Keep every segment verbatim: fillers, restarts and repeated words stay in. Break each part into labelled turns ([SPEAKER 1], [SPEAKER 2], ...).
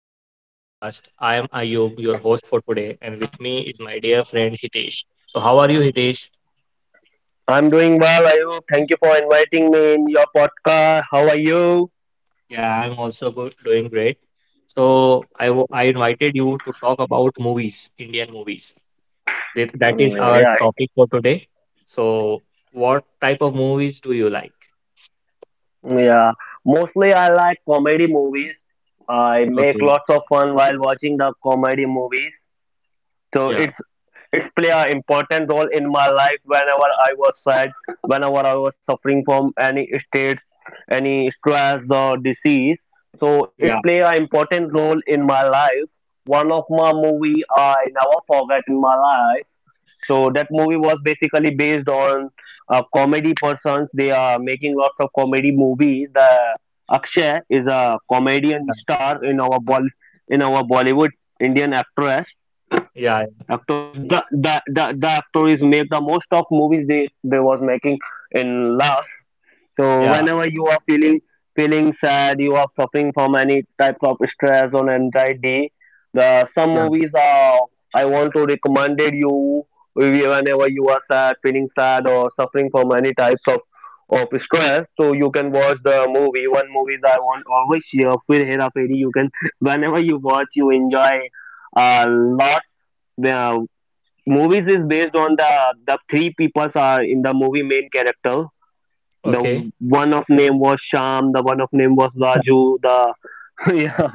[SPEAKER 1] to our podcast. I am Ayub, your host for today, and with me is my dear friend Hitesh. So, how are you, Hitesh?
[SPEAKER 2] I'm doing well, Ayub. Thank you for inviting me in your podcast. How are you?
[SPEAKER 1] Yeah, I'm also good, doing great. So, I, w- I invited you to talk about movies, Indian movies. That, that is
[SPEAKER 2] Mm,
[SPEAKER 1] our
[SPEAKER 2] yeah,
[SPEAKER 1] topic for today. So, what type of movies do you like?
[SPEAKER 2] yeah. Mostly, I like comedy movies. I make
[SPEAKER 1] Okay.
[SPEAKER 2] lots of fun while watching the comedy movies. So
[SPEAKER 1] Yeah.
[SPEAKER 2] it's it's play an important role in my life whenever I was sad, whenever I was suffering from any state, any stress or disease. So it's
[SPEAKER 1] Yeah.
[SPEAKER 2] play an important role in my life. One of my movie I never forget in my life. So that movie was basically based on uh, comedy persons. They are making lots of comedy movies. The Akshay is a
[SPEAKER 1] Yeah.
[SPEAKER 2] comedian star in our Bol- in our Bollywood Indian actress.
[SPEAKER 1] Yeah.
[SPEAKER 2] Actors the, the the the actor is make the most of movies they they was making in last. So
[SPEAKER 1] Yeah.
[SPEAKER 2] whenever you are feeling feeling sad, you are suffering from any type of stress or anxiety, the some
[SPEAKER 1] Yeah.
[SPEAKER 2] movies are I want to recommend you whenever you are sad, feeling sad or suffering from any types of of stress. So you can watch the movie. One movie that I want always here, Fir Hera Feri. You can whenever you watch, you enjoy a lot. The movies is based on the the three peoples are in the movie main character, the
[SPEAKER 1] Okay.
[SPEAKER 2] one of name was Sham. The one of name was Raju. The yeah,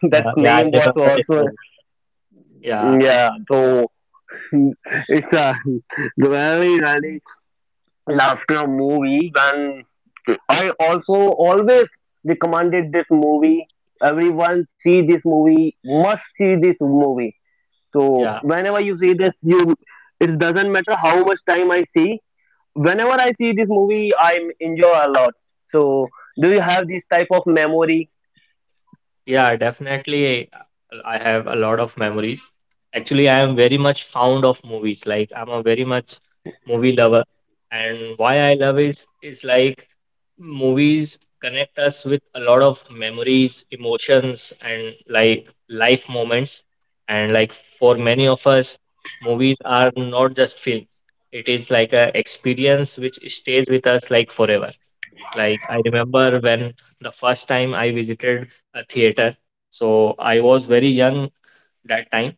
[SPEAKER 2] that
[SPEAKER 1] Yeah. Yeah, I
[SPEAKER 2] name was
[SPEAKER 1] remember this
[SPEAKER 2] also
[SPEAKER 1] movie. Yeah.
[SPEAKER 2] yeah. So it's a really really laughter movie. And I also always recommended this movie. Everyone see this movie. Must see this movie. So
[SPEAKER 1] Yeah.
[SPEAKER 2] whenever you see this, you it doesn't matter how much time I see. Whenever I see this movie, I enjoy a lot. So, do you have this type of memory?
[SPEAKER 1] Yeah, definitely. I have a lot of memories. Actually, I am very much fond of movies. Like, I'm a very much movie lover. And why I love is is like movies connect us with a lot of memories, emotions, and like life moments. And like for many of us, movies are not just film. It is like a experience which stays with us like forever. Like, I remember when the first time I visited a theater. So I was very young that time.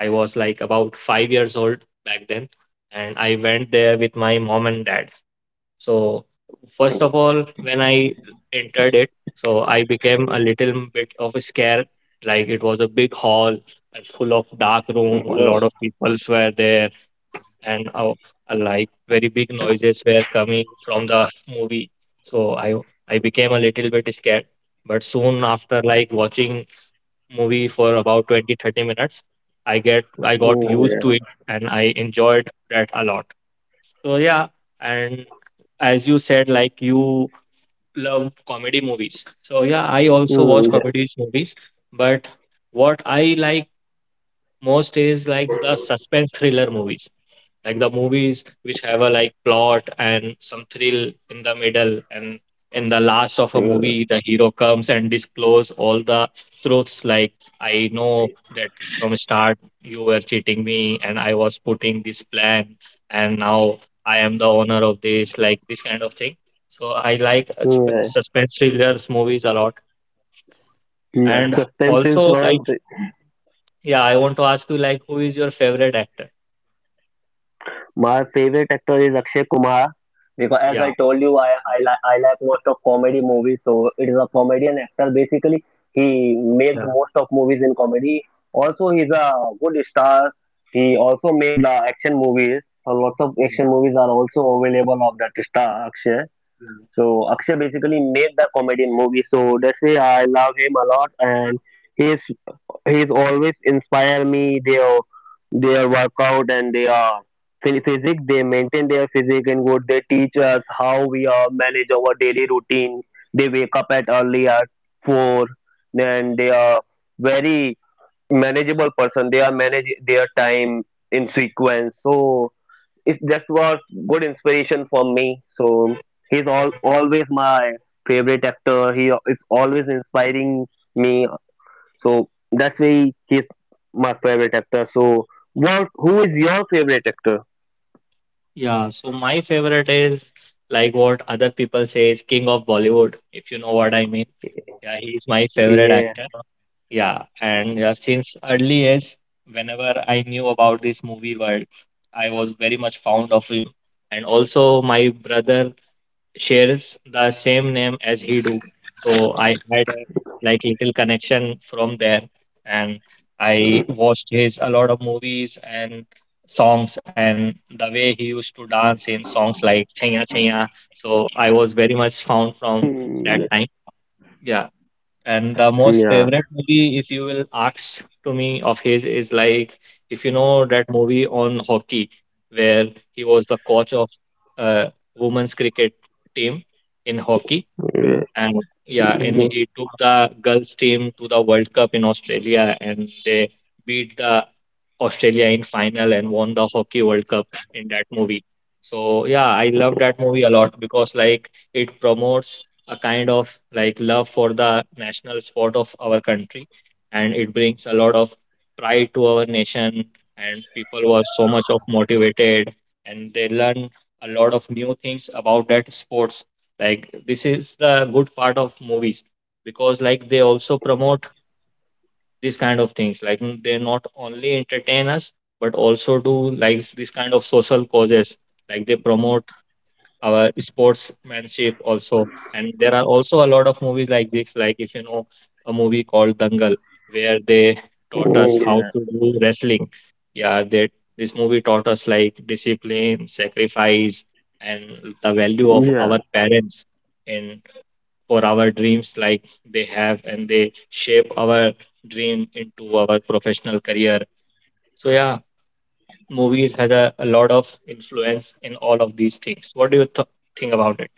[SPEAKER 1] I was like about five years old back then, and I went there with my mom and dad. So first of all, when I entered it, so I became a little bit of a scare. Like, it was a big hall and full of dark room. A
[SPEAKER 2] No.
[SPEAKER 1] lot of people were there and uh, like very big noises were coming from the movie. So I I became a little bit scared. But soon after like watching movie for about twenty thirty minutes, I get I got
[SPEAKER 2] Mm,
[SPEAKER 1] used
[SPEAKER 2] yeah.
[SPEAKER 1] to it and I enjoyed that a lot. So yeah, and as you said like you love comedy movies. So yeah, I also watch
[SPEAKER 2] Mm, yeah.
[SPEAKER 1] comedy movies, but what I like most is like the suspense thriller movies, like the movies which have a like plot and some thrill in the middle and in the last of a
[SPEAKER 2] Yeah.
[SPEAKER 1] movie the hero comes and disclose all the truths like I know that from start you were cheating me and I was putting this plan and now I am the owner of this, like this kind of thing. So I like uh, sp-
[SPEAKER 2] Yeah,
[SPEAKER 1] suspense thrillers movies a lot.
[SPEAKER 2] yeah.
[SPEAKER 1] And
[SPEAKER 2] Suspense is
[SPEAKER 1] also like,
[SPEAKER 2] one thing.
[SPEAKER 1] yeah, I want to ask you, like, who is your favorite actor?
[SPEAKER 2] My favorite actor is Akshay Kumar because, as
[SPEAKER 1] Yeah.
[SPEAKER 2] I told you, I I, li- I like most of comedy movies. So it is a comedian actor basically. He made most of movies in comedy. Also, he's a good star. He also made the action movies. A lot of action movies are also available of that star Akshay.
[SPEAKER 1] Yeah,
[SPEAKER 2] So Akshay basically made the comedian movie. So that's why I love him a lot, and he's he's always inspire me. Their their workout and their phy- physique, they maintain their physique and good. They teach us how we are manage our daily routine. They wake up at early at four, and they are very manageable person. They are manage their time in sequence. So it just was good inspiration for me. So he's all, always my favorite actor. He is always inspiring me. So that's why he's my favorite actor. So what? Who is your favorite actor?
[SPEAKER 1] Yeah, so my favorite is like what other people say is King of Bollywood, if you know what I mean. Yeah, he's my favorite
[SPEAKER 2] Yeah.
[SPEAKER 1] actor. Yeah, and yeah, since early age, whenever I knew about this movie world, I was very much fond of him. And also, my brother shares the same name as he do. So I had a like little connection from there, and I watched his a lot of movies and songs and the way he used to dance in songs like Chaya Chaya. So I was very much found from that
[SPEAKER 2] Yeah.
[SPEAKER 1] time. Yeah. And the most
[SPEAKER 2] Yeah.
[SPEAKER 1] favorite movie, if you will ask to me of his, is like if you know that movie on hockey where he was the coach of uh, women's cricket team in hockey. And yeah, and
[SPEAKER 2] Yeah.
[SPEAKER 1] he took the girls team to the World Cup in Australia and they beat the Australia in final and won the Hockey World Cup in that movie. So yeah, I love that movie a lot because like it promotes a kind of like love for the national sport of our country and it brings a lot of pride to our nation and people were so much of motivated and they learn a lot of new things about that sports. Like, this is the good part of movies because like they also promote these kind of things like mm, they not only entertain us but also do like this kind of social causes, like they promote our sportsmanship also. And there are also a lot of movies like this, like if you know a movie called Dangal where they taught us how to do wrestling. Yeah, they, this movie taught us like discipline, sacrifice, and the value of
[SPEAKER 2] Yeah.
[SPEAKER 1] our parents in for our dreams, like they have, and they shape our dream into our professional career. So yeah, movies has a, a lot of influence in all of these things. What do you th- think about it?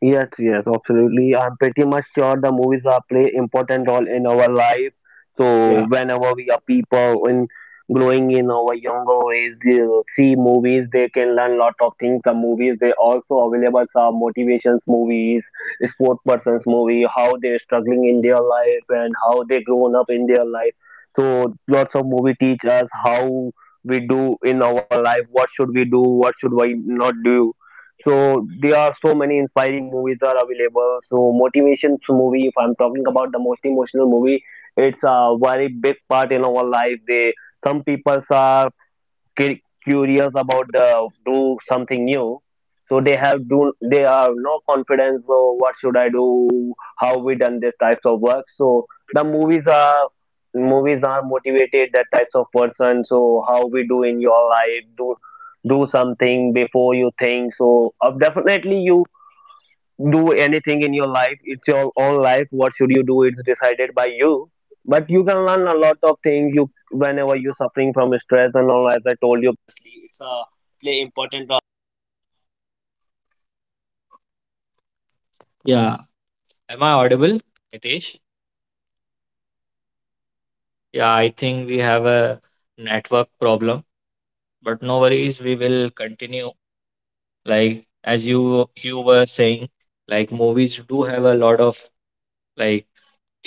[SPEAKER 2] Yes, yes, absolutely. I'm pretty much sure the movies are play important role in our life. So
[SPEAKER 1] Yeah
[SPEAKER 2] whenever we are people in growing in our younger age, they see movies, they can learn lot of things from movies. They also available some motivations movies, sport persons movie, how they're struggling in their life and how they grown up in their life. So lots of movie teach us how we do in our life, what should we do, what should we not do, so there are so many inspiring movies are available. So motivations movie, if I'm talking about the most emotional movie, it's a very big part in our life. They some people are cu- curious about the do something new, so they have do they have no confidence, so what should I do, how we done this types of work, so the movies are movies are motivated that types of person, so how we do in your life, do do something before you think. So uh, definitely you do anything in your life, it's your own life, what should you do, it's decided by you, but you can learn a lot of things you whenever you're suffering from stress and all.
[SPEAKER 1] yeah. Am I audible, Hitesh? Yeah, I think we have a network problem, but no worries, we will continue. Like as you you were saying, like movies do have a lot of like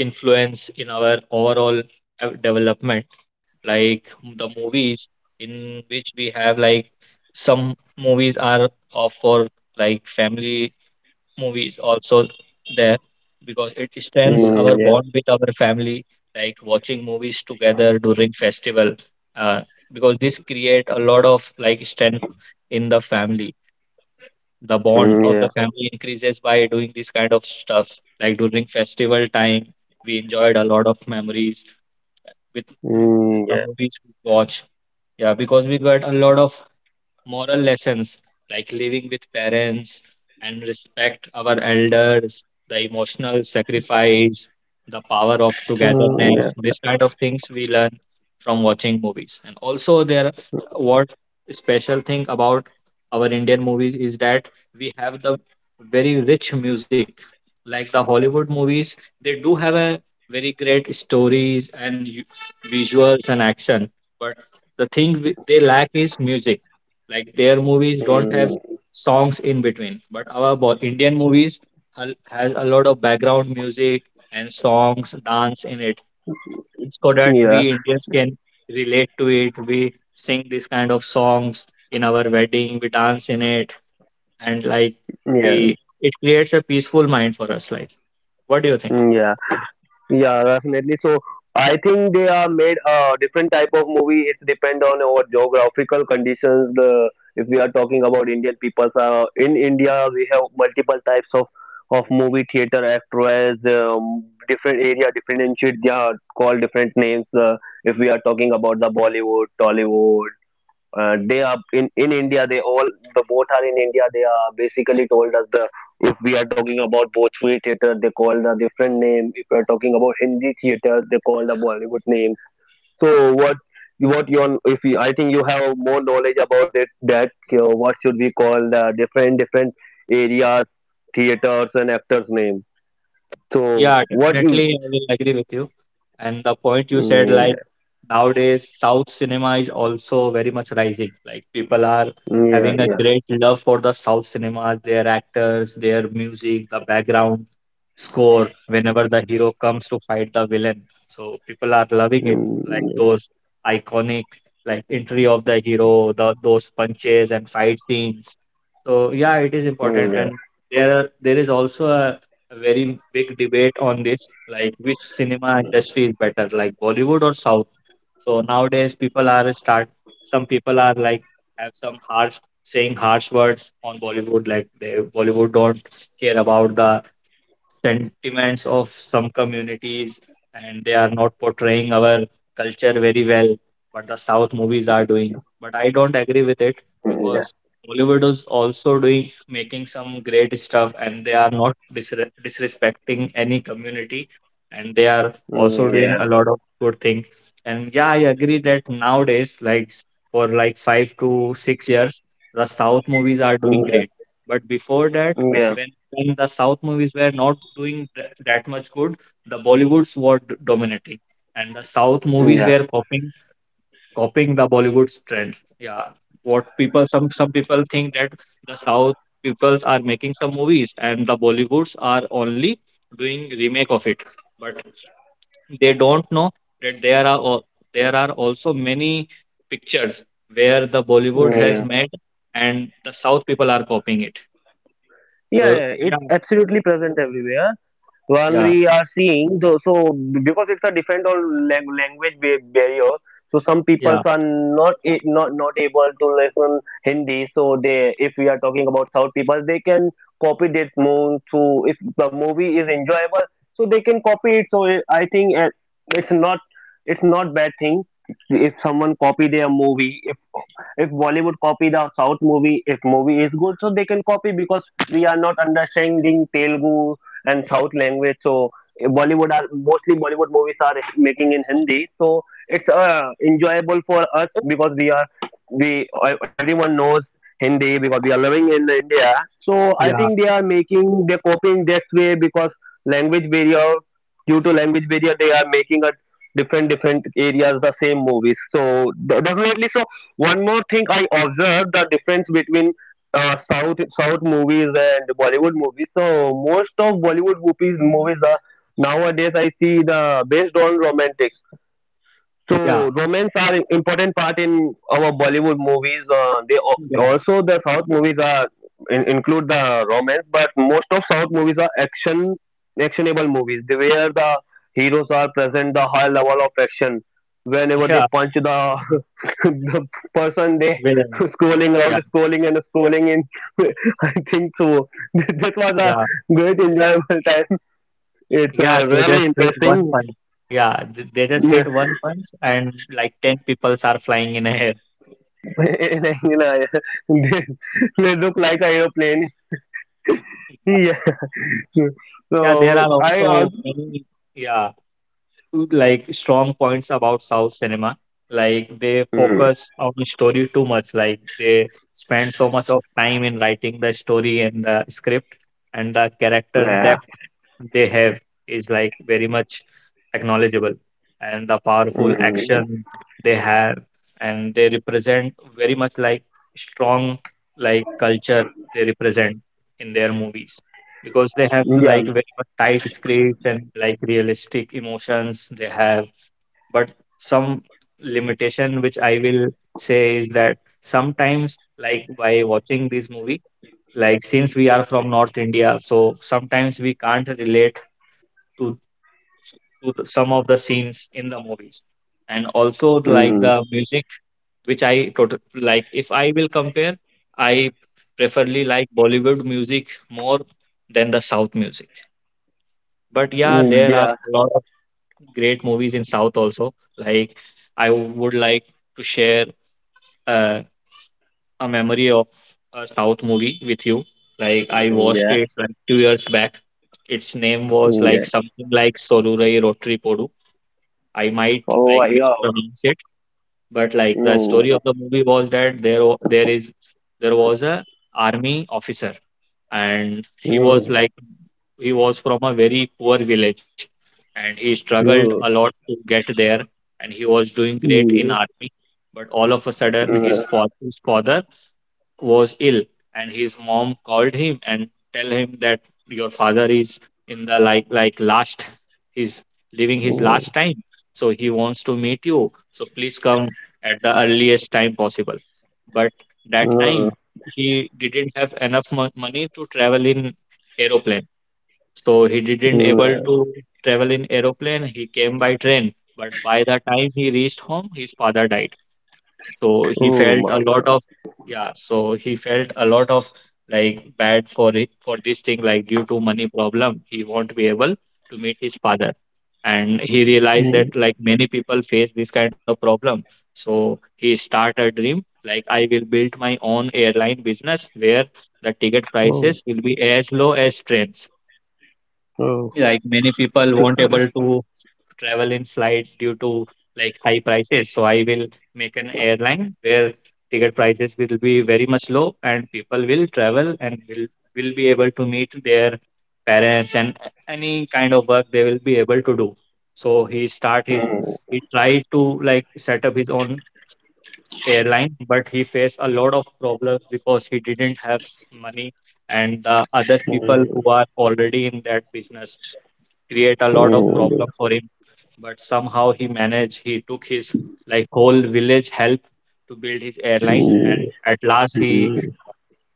[SPEAKER 1] influence in our overall uh, development. Like, the movies in which we have like some movies are of for like family movies also there because it strengthens our
[SPEAKER 3] Mm,
[SPEAKER 1] bond
[SPEAKER 3] yeah.
[SPEAKER 1] with our family, like watching movies together during festival, uh, because this create a lot of like strength in the family. The bond
[SPEAKER 3] Mm,
[SPEAKER 1] of
[SPEAKER 3] yeah.
[SPEAKER 1] the family increases by doing this kind of stuff, like during festival time we enjoyed a lot of memories with
[SPEAKER 3] Mm,
[SPEAKER 1] the
[SPEAKER 3] yeah.
[SPEAKER 1] movies we watch. Yeah, because we got a lot of moral lessons like living with parents and respect our elders, the emotional sacrifice, the power of togetherness, this kind of things we learn from watching movies. And also there, what special thing about our Indian movies is that we have the very rich music. Like the Hollywood movies, they do have a very great stories and u- visuals and action, but the thing we- they lack is music, like their movies don't
[SPEAKER 3] Mm,
[SPEAKER 1] have
[SPEAKER 3] yeah.
[SPEAKER 1] songs in between, but our bo- Indian movies hal- has a lot of background music and songs, dance in it, so that
[SPEAKER 3] Mm, yeah.
[SPEAKER 1] we Indians can relate to it. We sing this kind of songs in our wedding, we dance in it, and like
[SPEAKER 3] Yeah.
[SPEAKER 1] we, it creates a peaceful mind for us. Like, what do you think?
[SPEAKER 3] Mm, yeah. Yeah. Definitely. So I think they are made a different type of movie. It's depend on our geographical conditions. The If we are talking about Indian people, uh, in India we have multiple types of of movie theater actors. Um, different area, different and shit. They are called different names. Uh, if we are talking about the Bollywood, Tollywood, uh, they are in in India. They all the both are in India. They are basically told us the if we are talking about Bhojpuri theater, they call the different name. If we are talking about Hindi theater, they call the Bollywood name. So what what you if you, I think you have more knowledge about it that uh, what should we call the different different areas, theaters and actors name. So
[SPEAKER 1] Yeah,
[SPEAKER 3] what you.
[SPEAKER 1] definitely, I will agree with you. And the point you said,
[SPEAKER 3] Mm,
[SPEAKER 1] like nowadays, South cinema is also very much rising. Like people are
[SPEAKER 3] yeah,
[SPEAKER 1] having a
[SPEAKER 3] yeah.
[SPEAKER 1] great love for the South cinema, their actors, their music, the background score, whenever the hero comes to fight the villain. So people are loving it, like
[SPEAKER 3] Mm.
[SPEAKER 1] those iconic, like entry of the hero, the those punches and fight scenes. So yeah, it is
[SPEAKER 3] Mm,
[SPEAKER 1] important.
[SPEAKER 3] yeah.
[SPEAKER 1] And there are, there is also a a very big debate on this, like which cinema industry is better, like Bollywood or South. So nowadays, people are start. Some people are like have some harsh, saying harsh words on Bollywood, like they Bollywood don't care about the sentiments of some communities and they are not portraying our culture very well, but the South movies are doing, but I don't agree with it
[SPEAKER 3] Mm, yeah.
[SPEAKER 1] because Bollywood is also doing, making some great stuff and they are not disre- disrespecting any community and they are
[SPEAKER 3] Mm,
[SPEAKER 1] also
[SPEAKER 3] yeah.
[SPEAKER 1] doing a lot of good things. And yeah, I agree that nowadays like s- for like five to six years the South movies are
[SPEAKER 3] Mm,
[SPEAKER 1] doing
[SPEAKER 3] yeah.
[SPEAKER 1] great, but before that,
[SPEAKER 3] Mm, yeah.
[SPEAKER 1] when when the South movies were not doing th- that much good, the Bollywoods were d- dominating, and the South
[SPEAKER 3] Yeah,
[SPEAKER 1] movies
[SPEAKER 3] yeah,
[SPEAKER 1] were copying, copying the Bollywood's trend. Yeah, what people, some some people think that the South people are making some movies and the Bollywoods are only doing remake of it, but they don't know that there are al- there are also many pictures where the Bollywood has
[SPEAKER 3] yeah,
[SPEAKER 1] made and the South people are copying it.
[SPEAKER 3] yeah.
[SPEAKER 1] So
[SPEAKER 3] Yeah. It's
[SPEAKER 1] yeah.
[SPEAKER 3] absolutely present everywhere. One
[SPEAKER 1] Yeah.
[SPEAKER 3] we are seeing though, so because it's a different or lang- language ba- barrier, so some
[SPEAKER 1] Yeah.
[SPEAKER 3] peoples are not a- not not able to listen Hindi. So they, if we are talking about South people, they can copy that movie. So if the movie is enjoyable, so they can copy it. So it, I think uh, it's not it's not bad thing if someone copy their movie if Bollywood copy the South movie if movie is good so they can copy because we are not understanding Telugu and South language so eh, bollywood are mostly Bollywood movies are making in Hindi so it's uh, enjoyable for us because we are we e- everyone knows Hindi because we are living in India so I think
[SPEAKER 1] Yeah.
[SPEAKER 3] they are making they're copying that way because language barrier due to language barrier they are making a different different areas the same movies so de- definitely so one more thing. I observed the difference between uh, South South movies and Bollywood movies. So most of Bollywood movies movies are nowadays I see the based on romantic.
[SPEAKER 1] Yeah,
[SPEAKER 3] So romance are important part in our Bollywood movies. Uh, they al-
[SPEAKER 1] yeah,
[SPEAKER 3] also the South movies are in, include the romance, but most of South movies are action actionable movies. They, where the heroes are present the high level of action. Whenever they
[SPEAKER 1] yeah,
[SPEAKER 3] punch the the person, they
[SPEAKER 1] villain.
[SPEAKER 3] scrolling out,
[SPEAKER 1] Yeah,
[SPEAKER 3] scrolling and scrolling in. I think so. This was a
[SPEAKER 1] yeah,
[SPEAKER 3] great enjoyable time. It's
[SPEAKER 1] yeah.
[SPEAKER 3] uh,
[SPEAKER 1] They
[SPEAKER 3] really
[SPEAKER 1] just hit one
[SPEAKER 3] interesting.
[SPEAKER 1] punch. Yeah, th- they just hit one punch, and like ten peoples are flying in a air.
[SPEAKER 3] you know, they, they look like an aeroplane.
[SPEAKER 1] Yeah,
[SPEAKER 3] Yeah.
[SPEAKER 1] yeah. There
[SPEAKER 3] So
[SPEAKER 1] are
[SPEAKER 3] I also.
[SPEAKER 1] also many. Yeah, like strong points about South cinema. Like they
[SPEAKER 3] Mm,
[SPEAKER 1] focus on the story too much. Like they spend so much of time in writing the story and the script, and the character
[SPEAKER 3] yeah.
[SPEAKER 1] depth they have is like very much acknowledgeable, and the powerful
[SPEAKER 3] Mm,
[SPEAKER 1] action they have, and they represent very much like strong, like culture they represent in their movies because they have
[SPEAKER 3] yeah.
[SPEAKER 1] like very much tight scripts and like realistic emotions they have. But some limitation which I will say is that sometimes like by watching this movie, like since we are from North India, so sometimes we can't relate to to the- some of the scenes in the movies. And also like
[SPEAKER 3] Mm,
[SPEAKER 1] the music which I tot- like if I will compare, I preferably like Bollywood music more than the South music. But yeah,
[SPEAKER 3] mm,
[SPEAKER 1] there are
[SPEAKER 3] yeah.
[SPEAKER 1] a lot of great movies in South also. Like, I would like to share uh, a memory of a South movie with you. Like, I watched
[SPEAKER 3] Yeah.
[SPEAKER 1] it like two years back. Its name was like
[SPEAKER 3] Yeah.
[SPEAKER 1] something like Solurai Rotary Podu. I might
[SPEAKER 3] All
[SPEAKER 1] like
[SPEAKER 3] right. Yeah.
[SPEAKER 1] mispronounce it, but like the
[SPEAKER 3] No.
[SPEAKER 1] story of the movie was that there wa- there is there was a army officer, and he was
[SPEAKER 3] No.
[SPEAKER 1] like he was from a very poor village, and he struggled a
[SPEAKER 3] No.
[SPEAKER 1] lot to get there, and he was doing great in
[SPEAKER 3] No.
[SPEAKER 1] army. But all of a sudden, his
[SPEAKER 3] No.
[SPEAKER 1] father, his father was ill, and his mom called him and tell him that your father is in the like like last, he's living his
[SPEAKER 3] No.
[SPEAKER 1] last time, so he wants to meet you, so please come at the earliest time possible. But that
[SPEAKER 3] Mm,
[SPEAKER 1] time he didn't have enough mon- money to travel in aeroplane, so he didn't able
[SPEAKER 3] mm.
[SPEAKER 1] to travel in aeroplane. He came by train. But by the time he reached home, his father died. So he
[SPEAKER 3] Oh
[SPEAKER 1] felt
[SPEAKER 3] my
[SPEAKER 1] a lot
[SPEAKER 3] God.
[SPEAKER 1] of, yeah. So he felt a lot of like bad for it for this thing. Like due to money problem, he won't be able to meet his father. And he realized
[SPEAKER 3] Mm,
[SPEAKER 1] that like many people face this kind of problem. So he start a dream, like, I will build my own airline business where the ticket
[SPEAKER 3] oh.
[SPEAKER 1] prices will be as low as trains.
[SPEAKER 3] Oh.
[SPEAKER 1] Like, many people won't
[SPEAKER 3] Mm,
[SPEAKER 1] able to travel in flight due to like high prices. So I will make an airline where ticket prices will be very much low and people will travel and will will be able to meet their parents and any kind of work they will be able to do. So he start his he tried to like set up his own airline, but he faced a lot of problems because he didn't have money, and the other people who
[SPEAKER 3] mm,
[SPEAKER 1] are already in that business create a lot of problem
[SPEAKER 3] mm,
[SPEAKER 1] for him. But somehow he managed. He took his like whole village help to build his airline, and
[SPEAKER 3] mm,
[SPEAKER 1] at last he
[SPEAKER 3] mm,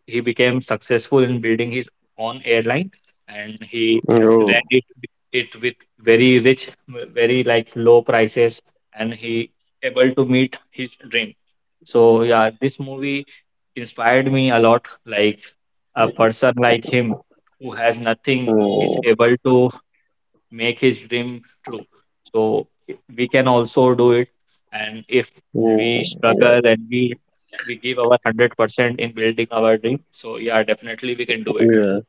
[SPEAKER 1] he became successful in building his own airline, and he
[SPEAKER 3] mm. Oh.
[SPEAKER 1] ran it it with very rich, very like low prices, and he able to meet his dream. So yeah, this movie inspired me a lot. Like a person like him who has nothing is
[SPEAKER 3] Oh.
[SPEAKER 1] able to make his dream true. So we can also do it. And if
[SPEAKER 3] Ouais,
[SPEAKER 1] we struggle and we we give our one hundred percent in building our dream, so yeah, definitely we can do it.
[SPEAKER 3] ouais.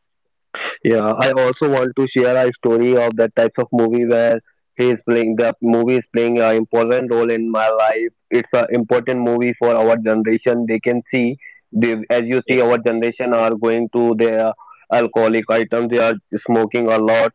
[SPEAKER 3] Yeah, I also want to share a story of that types of movie where he is playing the movie is playing an important role in my life. It's an important movie for our generation. They can see, they, as you
[SPEAKER 1] Okay.
[SPEAKER 3] see, our generation are going to their alcoholic items. They are smoking a lot.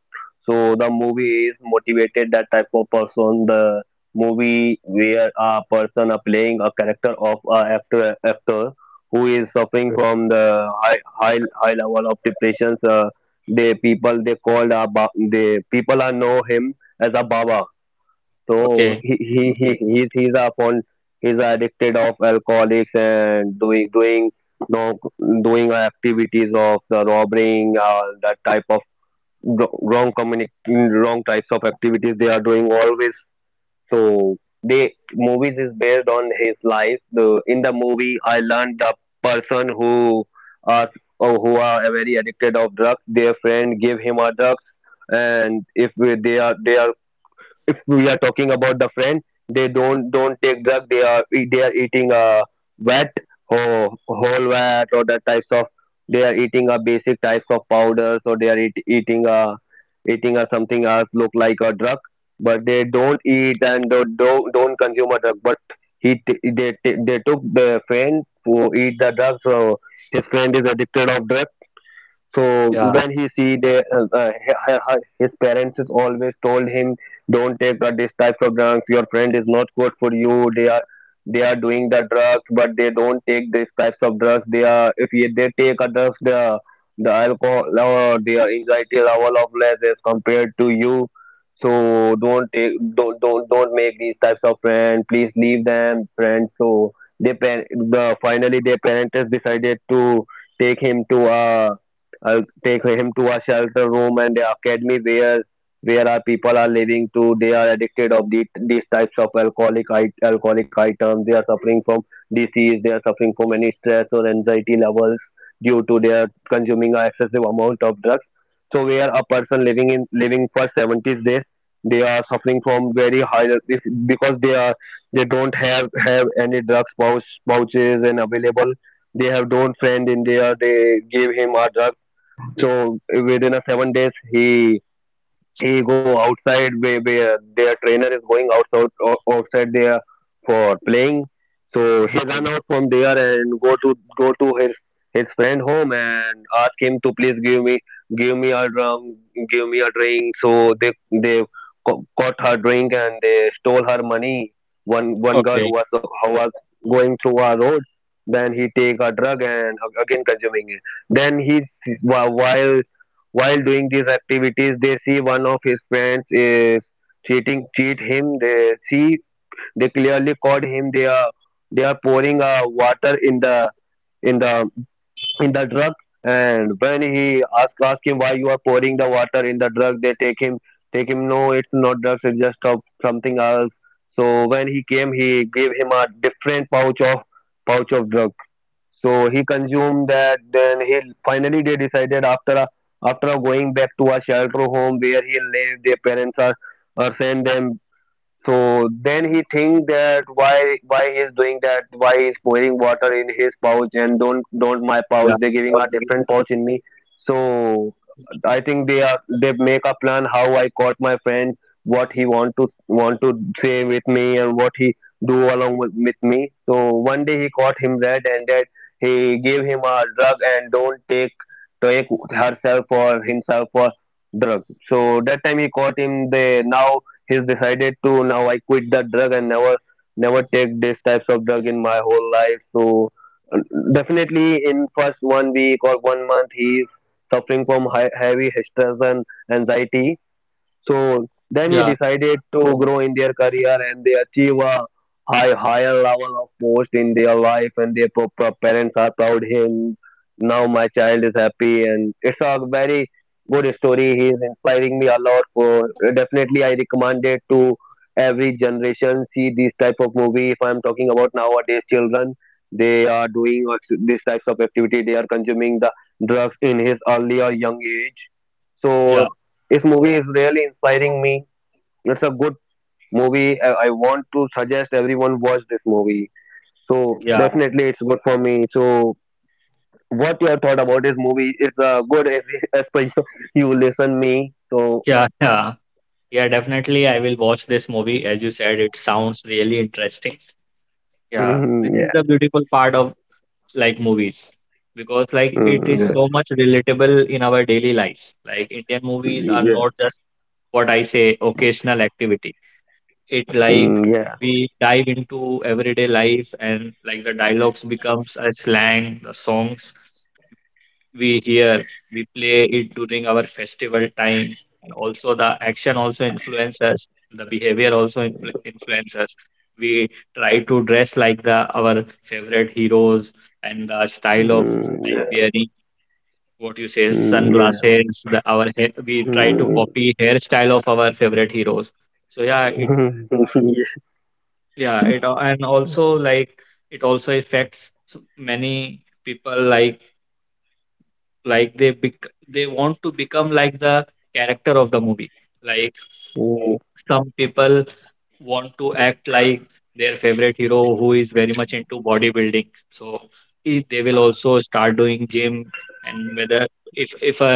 [SPEAKER 3] So the movie is motivated that type of person. The movie where a person are playing a character of a actor actor who is suffering from the high high, high level of depressions. Uh, they people they called Abba. They people are know him as a Baba. So
[SPEAKER 1] Okay.
[SPEAKER 3] he he he he's, he's a fond, he's addicted of alcoholics and doing doing no, doing activities of the robbing uh, that type of wr- wrong communic wrong types of activities they are doing always so the movies is based on his life. The in the movie, I learned the person who are or who are very addicted of drugs. Their friend give him a drugs, and if we- they are they are if we are talking about the friend they don't don't take drug they are e, they are eating a wet or whole wet or the types of they are eating a basic types of powders or they are eat, eating a eating a something else look like a drug but they don't eat and don't don't, don't consume a drug but he t- they t- they took the friend who eat the drug so his friend is addicted of drug. So
[SPEAKER 1] Yeah.
[SPEAKER 3] when he see the uh, uh, hi- hi- his parents is always told him, don't take uh, this type of drugs. Your friend is not good for you. They are they are doing the drugs, but they don't take these types of drugs. They are if ye- They take a drugs, the the alcohol or their anxiety level of less as compared to you. So don't take don't don't don't make these types of friends. Please leave them friends. So they par- the finally their parents decided to take him to a I'll take him to a shelter room and the academy where where our people are living to they are addicted of the these types of alcoholic i- alcoholic items they are suffering from disease they are suffering from any stress or anxiety levels due to their consuming a excessive amount of drugs so where a person living in living for seventy days they are suffering from very high this because they are they don't have have any drugs pouch, pouches and available they have don't friend in there they give him a drug so within a seven days, he he go outside where, where their trainer is going outside o- outside there for playing. So he run out from there and go to go to his his friend home and ask him to please give me give me a drum, give me a drink. So they they co- caught her drink and they stole her money. One one girl who
[SPEAKER 1] Okay.
[SPEAKER 3] was who was going through our road. Then he take a drug and again consuming it then he whi- while while doing these activities, they see one of his friends is cheating, cheat him. They see, they clearly caught him. They are they are pouring uh, water in the in the in the drug. And when he ask ask him why you are pouring the water in the drug, they take him take him. No, it's not drugs. It's just of something else. So when he came, he gave him a different pouch of pouch of drug. So he consumed that. Then he finally they decided after a, after a going back to a shelter home where he lives, their parents are, are send them so then he think that why why he is doing that? Why he is pouring water in his pouch and don't don't my
[SPEAKER 1] Yeah.
[SPEAKER 3] pouch? They giving a different pouch in me. So I think they are they make a plan how I caught my friend, what he want to want to say with me and what he do along with, with me. So one day he caught him red-handed. He gave him a drug and don't take take herself or himself for drug. So that time he caught him. They now he's decided to now I quit the drug and never never take these types of drug in my whole life. So uh, definitely in first one week or one month he's suffering from high, heavy stress and anxiety so then he
[SPEAKER 1] Yeah.
[SPEAKER 3] decided to grow in their career and they achieve a high higher level of post in their life and their pa- pa- parents are proud him. Now my child is happy and it's a very good story. He is inspiring me a lot for definitely I recommend it to every generation see these type of movie if I'm talking about nowadays children they are doing these types of activity they are consuming the drugs in his earlier young age
[SPEAKER 1] Yeah.
[SPEAKER 3] so this movie is really inspiring me. It's a good movie. I, I want to suggest everyone watch this movie. So
[SPEAKER 1] Yeah.
[SPEAKER 3] definitely, it's good for me. So what your thought about this movie? It's uh, good as, as per you, you listen me. So
[SPEAKER 1] Yeah. Yeah. Yeah, definitely. I will watch this movie. As you said, it sounds really interesting. Yeah. This
[SPEAKER 3] Mm,
[SPEAKER 1] is
[SPEAKER 3] yeah.
[SPEAKER 1] the beautiful part of like movies, because like it
[SPEAKER 3] Mm,
[SPEAKER 1] is
[SPEAKER 3] yeah.
[SPEAKER 1] so much relatable in our daily lives. Like Indian movies
[SPEAKER 3] Mm,
[SPEAKER 1] are
[SPEAKER 3] yeah.
[SPEAKER 1] not just what I say occasional activity. It like
[SPEAKER 3] Mm,
[SPEAKER 1] we dive into everyday life, and like the dialogues becomes a slang, the songs we hear, we play it during our festival time. And also the action also influences, the behavior also influ- influences. We try to dress like the our favorite heroes, and the style of like
[SPEAKER 3] yeah.
[SPEAKER 1] wearing, what you say,
[SPEAKER 3] Mm, yeah. Mm, yeah.
[SPEAKER 1] sunglasses. The our hair, we try to
[SPEAKER 3] Mm,
[SPEAKER 1] copy hairstyle of our favorite heroes. So yeah, it yeah it al- and also like it also affects s- many people. Like like they bec- they want to become like the character of the movie. Like
[SPEAKER 3] yeah.
[SPEAKER 1] some people want to act like their favorite hero who is very much into bodybuilding, so i- they will also start doing gym. And whether if if a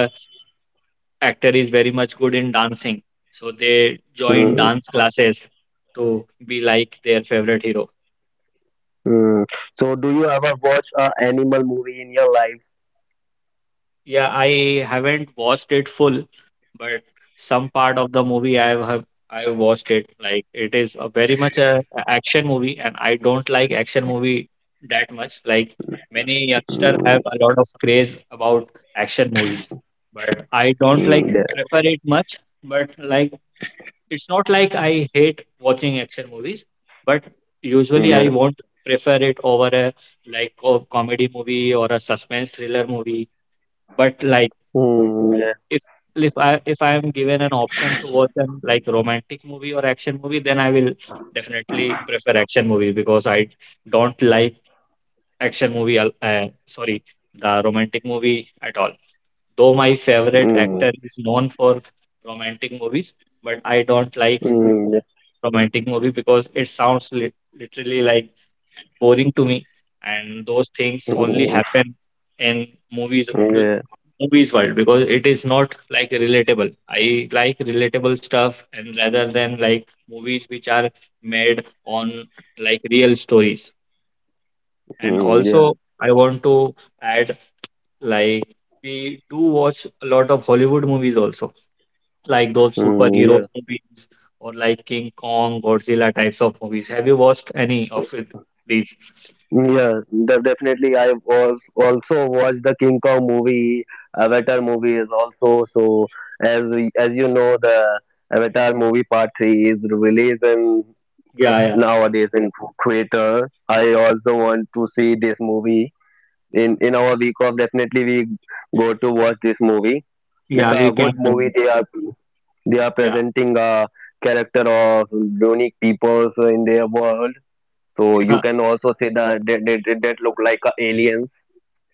[SPEAKER 1] actor is very much good in dancing, so they join
[SPEAKER 3] Mm,
[SPEAKER 1] dance classes to be like their favorite hero.
[SPEAKER 3] mm. So, do you ever watch a animal movie in your life?
[SPEAKER 1] Yeah, I haven't watched it full, but some part of the movie I have I have watched it. Like it is a very much a a action movie, and I don't like action movie that much. Like many youngster
[SPEAKER 3] Mm,
[SPEAKER 1] have a lot of craze about action movies, but I don't
[SPEAKER 3] mm,
[SPEAKER 1] like
[SPEAKER 3] yeah.
[SPEAKER 1] prefer it much. But like it's not like I hate watching action movies, but usually I
[SPEAKER 3] Yeah.
[SPEAKER 1] won't prefer it over a like co comedy movie or a suspense thriller movie. But like
[SPEAKER 3] Mm, yeah.
[SPEAKER 1] if if I if I am given an option to watch an like romantic movie or action movie, then I will definitely prefer action movie, because I don't like action movie. Al- Uh, sorry, the romantic movie at all. Though my favorite
[SPEAKER 3] Mm,
[SPEAKER 1] actor is known for romantic movies, but I don't like
[SPEAKER 3] mm, yeah.
[SPEAKER 1] romantic movie because it sounds li literally like boring to me, and those things only
[SPEAKER 3] Mm,
[SPEAKER 1] happen in movies
[SPEAKER 3] yeah.
[SPEAKER 1] movies world, because it is not like relatable. I like relatable stuff and rather than like movies which are made on like real stories. And
[SPEAKER 3] Mm, yeah.
[SPEAKER 1] also, I want to add, like, we do watch a lot of Hollywood movies also, like those
[SPEAKER 3] Mm, yeah.
[SPEAKER 1] superheroes movies or like King Kong, Godzilla types of movies. Have you watched any of it, please?
[SPEAKER 3] Mm, yeah. De- definitely. I've al- also watched the King Kong movie. Avatar movie is also so. As as you know, the Avatar movie part three is released in
[SPEAKER 1] Yeah, yeah,
[SPEAKER 3] nowadays in theater. I also want to see this movie. In in our week off, definitely we go to watch this movie. It's
[SPEAKER 1] yeah.
[SPEAKER 3] a
[SPEAKER 1] We can
[SPEAKER 3] good movie.
[SPEAKER 1] plan.
[SPEAKER 3] They are They are
[SPEAKER 1] Yeah,
[SPEAKER 3] presenting a character of unique peoples in their world. So you
[SPEAKER 1] yeah,
[SPEAKER 3] can also say that that, that, that that look like a aliens.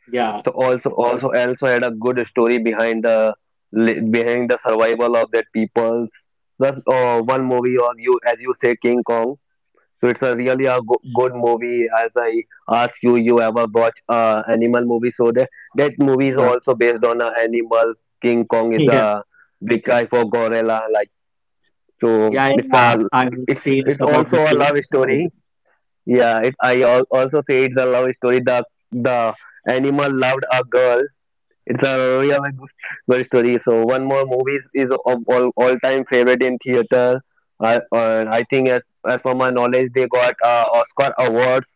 [SPEAKER 1] yeah,
[SPEAKER 3] So also also also had a good story behind the li- behind the survival of that peoples. Plus, uh, one movie or you as you say King Kong. So it's a really a go- good movie. As I ask you, you ever watch uh, animal movie? So that that movie is
[SPEAKER 1] yeah,
[SPEAKER 3] also based on a animal. King Kong is
[SPEAKER 1] yeah.
[SPEAKER 3] a big guy for gorilla. Like so
[SPEAKER 1] Yeah,
[SPEAKER 3] it's a
[SPEAKER 1] yeah, I've
[SPEAKER 3] it's
[SPEAKER 1] seen
[SPEAKER 3] it's
[SPEAKER 1] some of
[SPEAKER 3] also
[SPEAKER 1] the
[SPEAKER 3] a love
[SPEAKER 1] clips. Yeah,
[SPEAKER 3] story. Yeah, it, I al- also say it's a love story. The the animal loved a girl. It's a real good story. So one more movie is of all all time favorite in theater. I uh, I think as as for my knowledge, they got uh, Oscar awards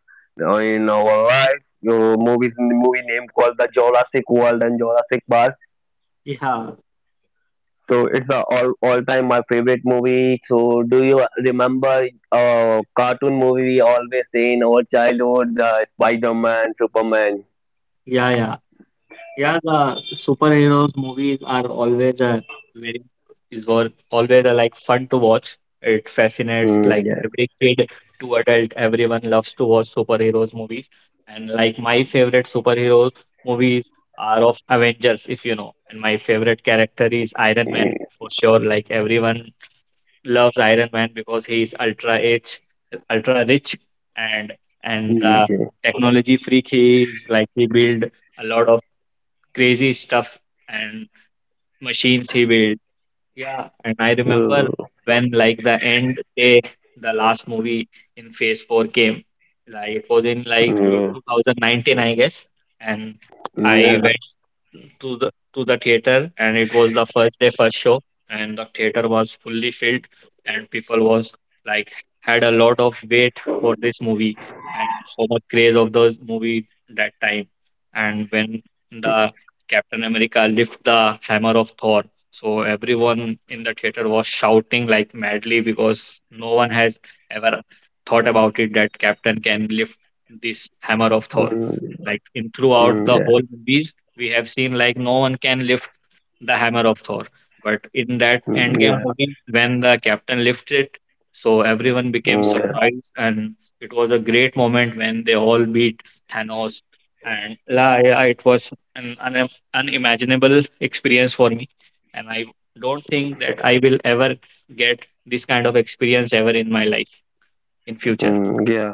[SPEAKER 3] uh, in our life. Your movies movie name called the Jurassic World and Jurassic Park.
[SPEAKER 1] yeah,
[SPEAKER 3] So it's the all all time my favorite movie. So do you remember uh cartoon movie we always see in our childhood, the Spider Man, Superman?
[SPEAKER 1] yeah, yeah. Yeah, the superheroes movies are always a very is wor- always a, like, fun to watch. It fascinates
[SPEAKER 3] Mm,
[SPEAKER 1] like
[SPEAKER 3] yeah.
[SPEAKER 1] every kid to adult. Everyone loves to watch superheroes movies, and like my favorite superheroes movies are of Avengers, if you know. And my favorite character is Iron Man
[SPEAKER 3] Mm,
[SPEAKER 1] for sure. Like everyone loves Iron Man because he is ultra rich, ultra rich, and and
[SPEAKER 3] mm,
[SPEAKER 1] uh,
[SPEAKER 3] yeah.
[SPEAKER 1] technology freak. He is like he build a lot of crazy stuff, and machines he build. Yeah, and I remember
[SPEAKER 3] Mm,
[SPEAKER 1] when like the end day, the last movie in Phase Four came. Like it was in like two-
[SPEAKER 3] mm,
[SPEAKER 1] two thousand nineteen, I guess, and I
[SPEAKER 3] yeah.
[SPEAKER 1] went to the to the theater, and it was the first day, first show, and the theater was fully filled, and people was like had a lot of wait for this movie, and so much craze of those movie that time, and when the Captain America lift the hammer of Thor. So everyone in the theater was shouting like madly, because no one has ever thought about it that Captain can lift this hammer of Thor.
[SPEAKER 3] Mm,
[SPEAKER 1] Like in throughout
[SPEAKER 3] mm,
[SPEAKER 1] the whole
[SPEAKER 3] yeah.
[SPEAKER 1] movies we have seen like no one can lift the hammer of Thor. But in that
[SPEAKER 3] Mm,
[SPEAKER 1] Endgame
[SPEAKER 3] yeah.
[SPEAKER 1] movie, when the captain lifts it, so everyone became
[SPEAKER 3] Mm, yeah.
[SPEAKER 1] surprised, and it was a great moment when they all beat Thanos. And la- yeah, it was an un- unimaginable experience for me, and I don't think that I will ever get this kind of experience ever in my life in future.
[SPEAKER 3] Mm, yeah.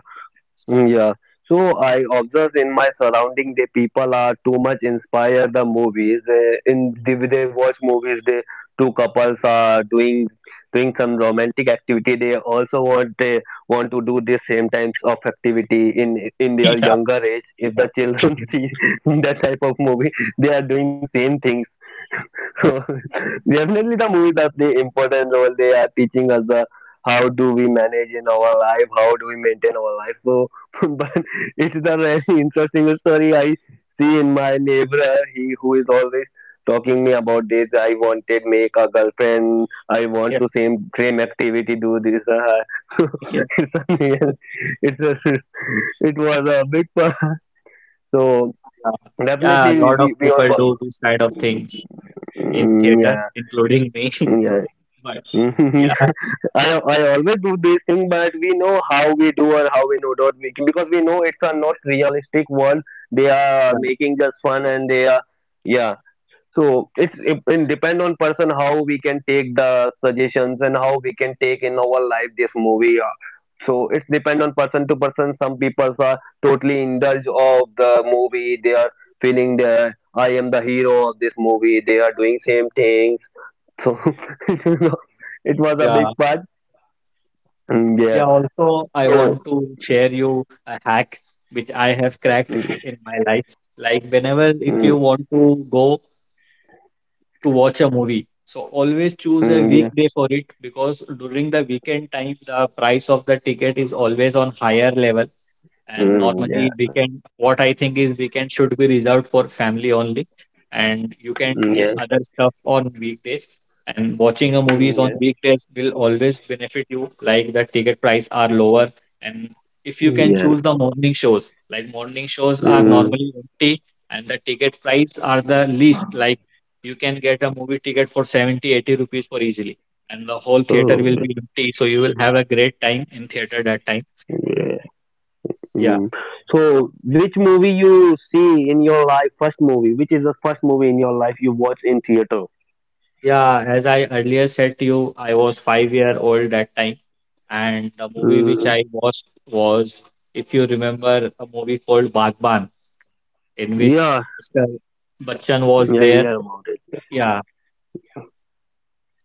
[SPEAKER 3] Mm, yeah. So I observe in my surrounding the people are too much inspired the movies. They, in they, they watch movies. They two couples are doing doing some romantic activity. They also want they want to do the same types of activity in in their
[SPEAKER 1] Yeah.
[SPEAKER 3] younger age. If the children
[SPEAKER 1] Yeah.
[SPEAKER 3] see that type of movie, they are doing same thing. Definitely, the movie does the important role. They are teaching us the how do we manage in our life, how do we maintain our life. So, but it's the very interesting story I see in my neighbor. He who is always talking me about this. I wanted make a girlfriend. I want
[SPEAKER 1] Yeah.
[SPEAKER 3] to same same activity do this. Uh,
[SPEAKER 1] Yeah,
[SPEAKER 3] it's a, it's a, it was a big part. So
[SPEAKER 1] yeah, a
[SPEAKER 3] definitely
[SPEAKER 1] lot of
[SPEAKER 3] we we on.
[SPEAKER 1] people do these kind of things in
[SPEAKER 3] Mm,
[SPEAKER 1] theater,
[SPEAKER 3] yeah.
[SPEAKER 1] including me.
[SPEAKER 3] Yeah.
[SPEAKER 1] But
[SPEAKER 3] Mhm.
[SPEAKER 1] yeah,
[SPEAKER 3] I I always do this thing, but we know how we do and how we know not making because we know it's a not realistic world. They are
[SPEAKER 1] yeah,
[SPEAKER 3] making just fun and they are yeah. So it's it, it depend on person how we can take the suggestions and how we can take in our life this movie. uh, So it's depend on person to person. Some people are totally indulge of the movie. They are feeling that I am the hero of this movie. They are doing same things so it was a big
[SPEAKER 1] yeah,
[SPEAKER 3] part. Mm, yeah.
[SPEAKER 1] yeah. Also, I
[SPEAKER 3] So
[SPEAKER 1] want to share you a hack which I have cracked i-
[SPEAKER 3] mm,
[SPEAKER 1] in my life. Like whenever if you
[SPEAKER 3] mm,
[SPEAKER 1] want to go to watch a movie, so always choose a
[SPEAKER 3] mm, yeah.
[SPEAKER 1] weekday for it, because during the weekend time the price of the ticket is always on higher level. And
[SPEAKER 3] Mm, yeah.
[SPEAKER 1] normally weekend,
[SPEAKER 3] Yeah.
[SPEAKER 1] what I think is weekend should be reserved for family only. And you can
[SPEAKER 3] Mm,
[SPEAKER 1] do
[SPEAKER 3] yeah.
[SPEAKER 1] other stuff on weekdays. And watching a movies
[SPEAKER 3] Mm,
[SPEAKER 1] on
[SPEAKER 3] yeah.
[SPEAKER 1] weekdays will always benefit you, like the ticket price are lower. And if you
[SPEAKER 3] Mm,
[SPEAKER 1] can
[SPEAKER 3] yeah.
[SPEAKER 1] choose the morning shows, like morning shows are
[SPEAKER 3] Mm.
[SPEAKER 1] normally empty and the ticket price are the least, like you can get a movie ticket for seventy, eighty rupees for easily. And the whole theater
[SPEAKER 3] Oh.
[SPEAKER 1] will be empty. So you will have a great time in theater that time.
[SPEAKER 3] Yeah.
[SPEAKER 1] Yeah.
[SPEAKER 3] Mm. So which movie you see in your life? First movie. Which is the first movie in your life you watch in theater?
[SPEAKER 1] Yeah, as I earlier said to you, I was five year old that time, and the movie which
[SPEAKER 3] Mm.
[SPEAKER 1] I watched was, if you remember, a movie called Bagban, in which
[SPEAKER 3] Yeah.
[SPEAKER 1] mister Bachchan was
[SPEAKER 3] Yeah. I
[SPEAKER 1] there.
[SPEAKER 3] hear about it.
[SPEAKER 1] Yeah,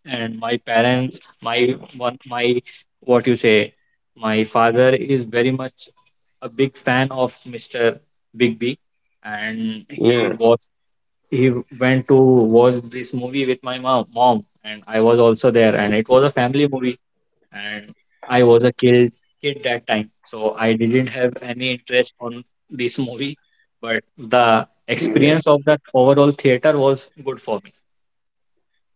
[SPEAKER 1] and my parents, my one, my, what you say, my father is very much a big fan of mister Big B, and he
[SPEAKER 3] Yeah.
[SPEAKER 1] was he went to watch this movie with my mom, mom, and I was also there, and it was a
[SPEAKER 3] Mm,
[SPEAKER 1] family movie, and I was a kid kid that time, so I didn't have any interest on this movie. But the
[SPEAKER 3] yeah.
[SPEAKER 1] experience of that overall theater was good for me.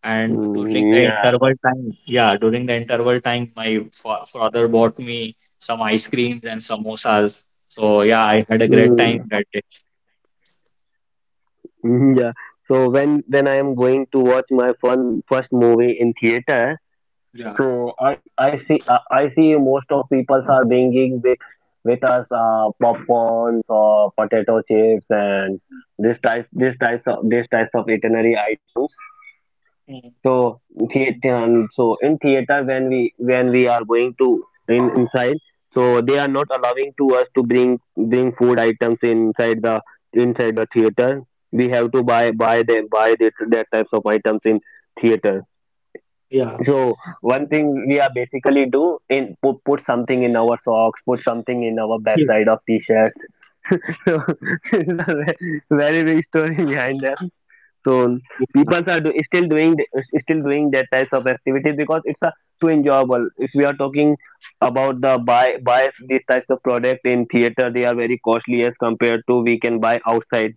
[SPEAKER 1] And during
[SPEAKER 3] Mm,
[SPEAKER 1] the
[SPEAKER 3] yeah.
[SPEAKER 1] interval time, yeah, during the interval time, my fa- father bought me some ice creams and samosas. So yeah, I had a great time
[SPEAKER 3] Mm.
[SPEAKER 1] that day.
[SPEAKER 3] Mhm. Yeah. So when when I am going to watch my fun first movie in theater,
[SPEAKER 1] Yeah.
[SPEAKER 3] so I I see I I see most of people are bringing with with us uh, popcorns or potato chips and this type this types of this types of itinerary items.
[SPEAKER 1] Mm,
[SPEAKER 3] So theater, um, so in theater when we when we are going to in inside, so they are not allowing to us to bring bring food items inside the inside the theater. We have to buy buy them buy this that types of items in theater.
[SPEAKER 1] yeah.
[SPEAKER 3] So one thing we are basically do in put, put something in our socks, put something in our
[SPEAKER 1] Yeah.
[SPEAKER 3] backside of t-shirt. So it's a ve- very big story behind so
[SPEAKER 1] Yeah.
[SPEAKER 3] people are do, still doing th- still doing that types of activities because it's a too enjoyable. If we are talking about the buy buy these types of product in theater, they are very costly as compared to we can buy outside.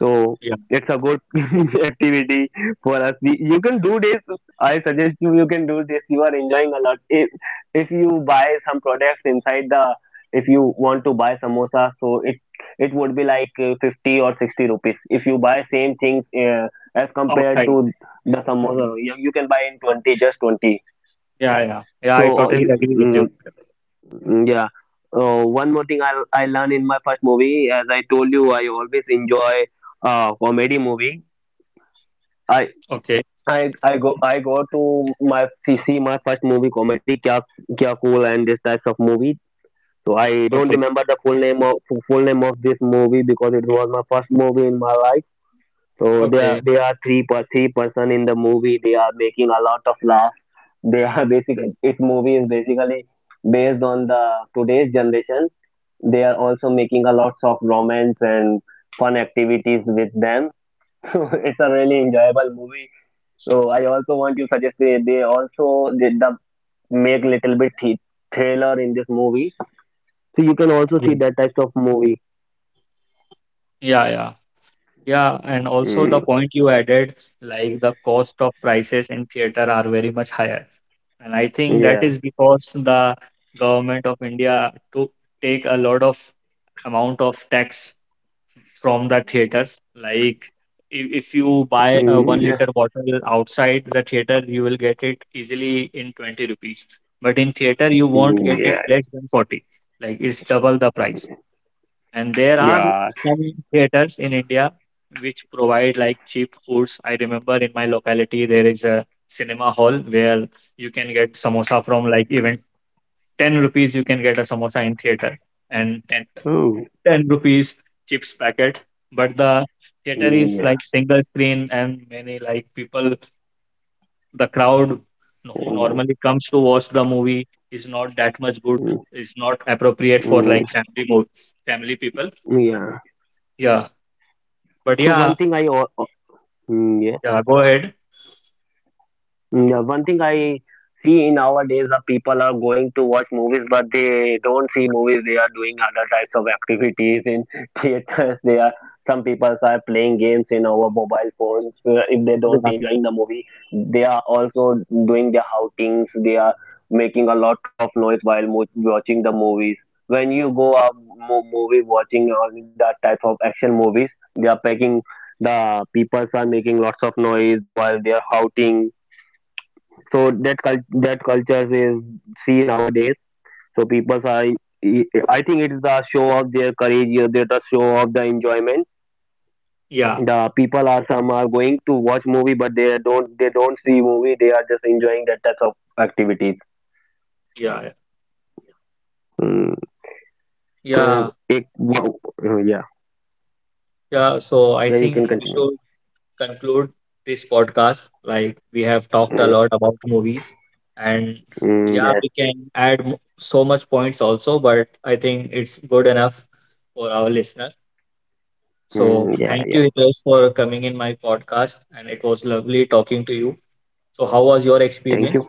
[SPEAKER 3] So
[SPEAKER 1] Yeah.
[SPEAKER 3] it's a good activity for us. We, you can do this. I suggest you you can do this. You are enjoying a lot. If if you buy some products inside the, if you want to buy samosa, so it it would be like uh, fifty or sixty rupees. If you buy same things uh, as compared
[SPEAKER 1] Outside.
[SPEAKER 3] to the
[SPEAKER 1] Yeah,
[SPEAKER 3] samosa, you, you can buy in twenty, just twenty.
[SPEAKER 1] yeah. Yeah, yeah.
[SPEAKER 3] So
[SPEAKER 1] I
[SPEAKER 3] uh,
[SPEAKER 1] totally
[SPEAKER 3] you,
[SPEAKER 1] agree with you.
[SPEAKER 3] mm, mm, yeah. Uh, one more thing I I learned in my first movie, as I told you, I always enjoy uh, comedy movie I
[SPEAKER 1] Okay.
[SPEAKER 3] I I go I go to my see my first movie comedy Kya Kya Cool and this types of movie. So I
[SPEAKER 1] Okay.
[SPEAKER 3] don't remember the full name of full name of this movie because it was my first movie in my life. So
[SPEAKER 1] Okay.
[SPEAKER 3] they are they are three per three person in the movie. They are making a lot of laughs. They are
[SPEAKER 1] Yeah.
[SPEAKER 3] basic. Its movie is basically based on the today's generation. They are also making a lots of romance and fun activities with them. So it's a really enjoyable movie so I also want to suggest they, they also did the make little bit th- thriller in this movie. So you can also see
[SPEAKER 1] Yeah.
[SPEAKER 3] that type of movie.
[SPEAKER 1] Yeah, yeah, yeah. And also
[SPEAKER 3] Mm,
[SPEAKER 1] the point you added, like the cost of prices in theater are very much higher. And I think that
[SPEAKER 3] yeah.
[SPEAKER 1] is because the government of India to take a lot of amount of tax from the theaters. Like if, if you buy a
[SPEAKER 3] Mm,
[SPEAKER 1] one
[SPEAKER 3] yeah.
[SPEAKER 1] liter bottle outside the theater, you will get it easily in twenty rupees. But in theater, you won't
[SPEAKER 3] Mm,
[SPEAKER 1] get it
[SPEAKER 3] yeah.
[SPEAKER 1] less than forty. Like it's double the price. And there are
[SPEAKER 3] Yeah.
[SPEAKER 1] some theaters in India which provide like cheap foods. I remember in my locality there is a cinema hall where you can get samosa from like even ten rupees you can get a samosa in theater, and ten
[SPEAKER 3] Oh.
[SPEAKER 1] ten rupees chips packet. But the theater
[SPEAKER 3] Mm,
[SPEAKER 1] is
[SPEAKER 3] yeah.
[SPEAKER 1] like single screen and many like people, the crowd who
[SPEAKER 3] Mm,
[SPEAKER 1] normally comes to watch the movie is not that much good.
[SPEAKER 3] mm,
[SPEAKER 1] It's not appropriate for
[SPEAKER 3] mm,
[SPEAKER 1] like family mo family people.
[SPEAKER 3] yeah.
[SPEAKER 1] Yeah. But
[SPEAKER 3] So one
[SPEAKER 1] yeah.
[SPEAKER 3] thing I al- mm, yeah.
[SPEAKER 1] Yeah, go ahead.
[SPEAKER 3] Mm, yeah, one thing I see in nowadays the people are going to watch movies, but they don't see movies. They are doing other types of activities in theaters. They are some people are playing games in our mobile phones. Uh, if they don't
[SPEAKER 1] Yeah,
[SPEAKER 3] enjoy the movie, they are also doing their outings. They are making a lot of noise while mo- watching the movies. When you go a mo- movie watching uh, that type of action movies, they are packing. The people are making lots of noise while they are shouting so that cul- that culture is seen nowadays so people are I think it is the show of their courage or the the show of the enjoyment,
[SPEAKER 1] yeah,
[SPEAKER 3] the people are some are going to watch movie but they don't they don't see movie, they are just enjoying that type of activities.
[SPEAKER 1] yeah,
[SPEAKER 3] Mm.
[SPEAKER 1] yeah,
[SPEAKER 3] So it, yeah,
[SPEAKER 1] yeah. So I
[SPEAKER 3] yeah, you can
[SPEAKER 1] think we
[SPEAKER 3] continue.
[SPEAKER 1] should conclude this podcast. Like we have talked a
[SPEAKER 3] Mm.
[SPEAKER 1] lot about movies, and
[SPEAKER 3] Mm,
[SPEAKER 1] yeah,
[SPEAKER 3] yes.
[SPEAKER 1] we can add m- so much points also, but I think it's good enough for our listener. So
[SPEAKER 3] Mm, yeah,
[SPEAKER 1] thank you,
[SPEAKER 3] yeah,
[SPEAKER 1] Hitesh, for coming in my podcast, and it was lovely talking to you. So how was your
[SPEAKER 3] thank you.
[SPEAKER 1] experience?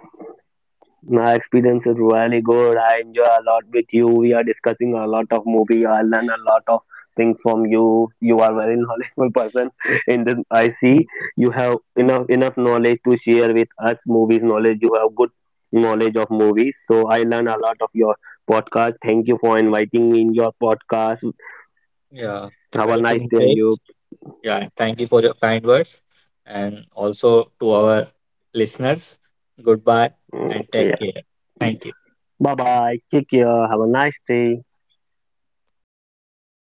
[SPEAKER 3] My experience is really good. I enjoy a lot with you. We are discussing a lot of movie. I learn a lot of things from you. You are very knowledgeable person. In this, I see you have enough enough knowledge to share with us. Movies knowledge. You have good knowledge of movies. So I learn a lot of your podcast. Thank you for inviting me in your podcast.
[SPEAKER 1] Yeah,
[SPEAKER 3] Have a
[SPEAKER 1] welcome,
[SPEAKER 3] nice day,
[SPEAKER 1] Hitesh.
[SPEAKER 3] you.
[SPEAKER 1] Yeah, and thank you for your kind words. And also to our listeners, goodbye
[SPEAKER 3] Mm,
[SPEAKER 1] and take
[SPEAKER 3] yeah.
[SPEAKER 1] care. Thank you.
[SPEAKER 3] Bye bye. Take care. Have a nice day.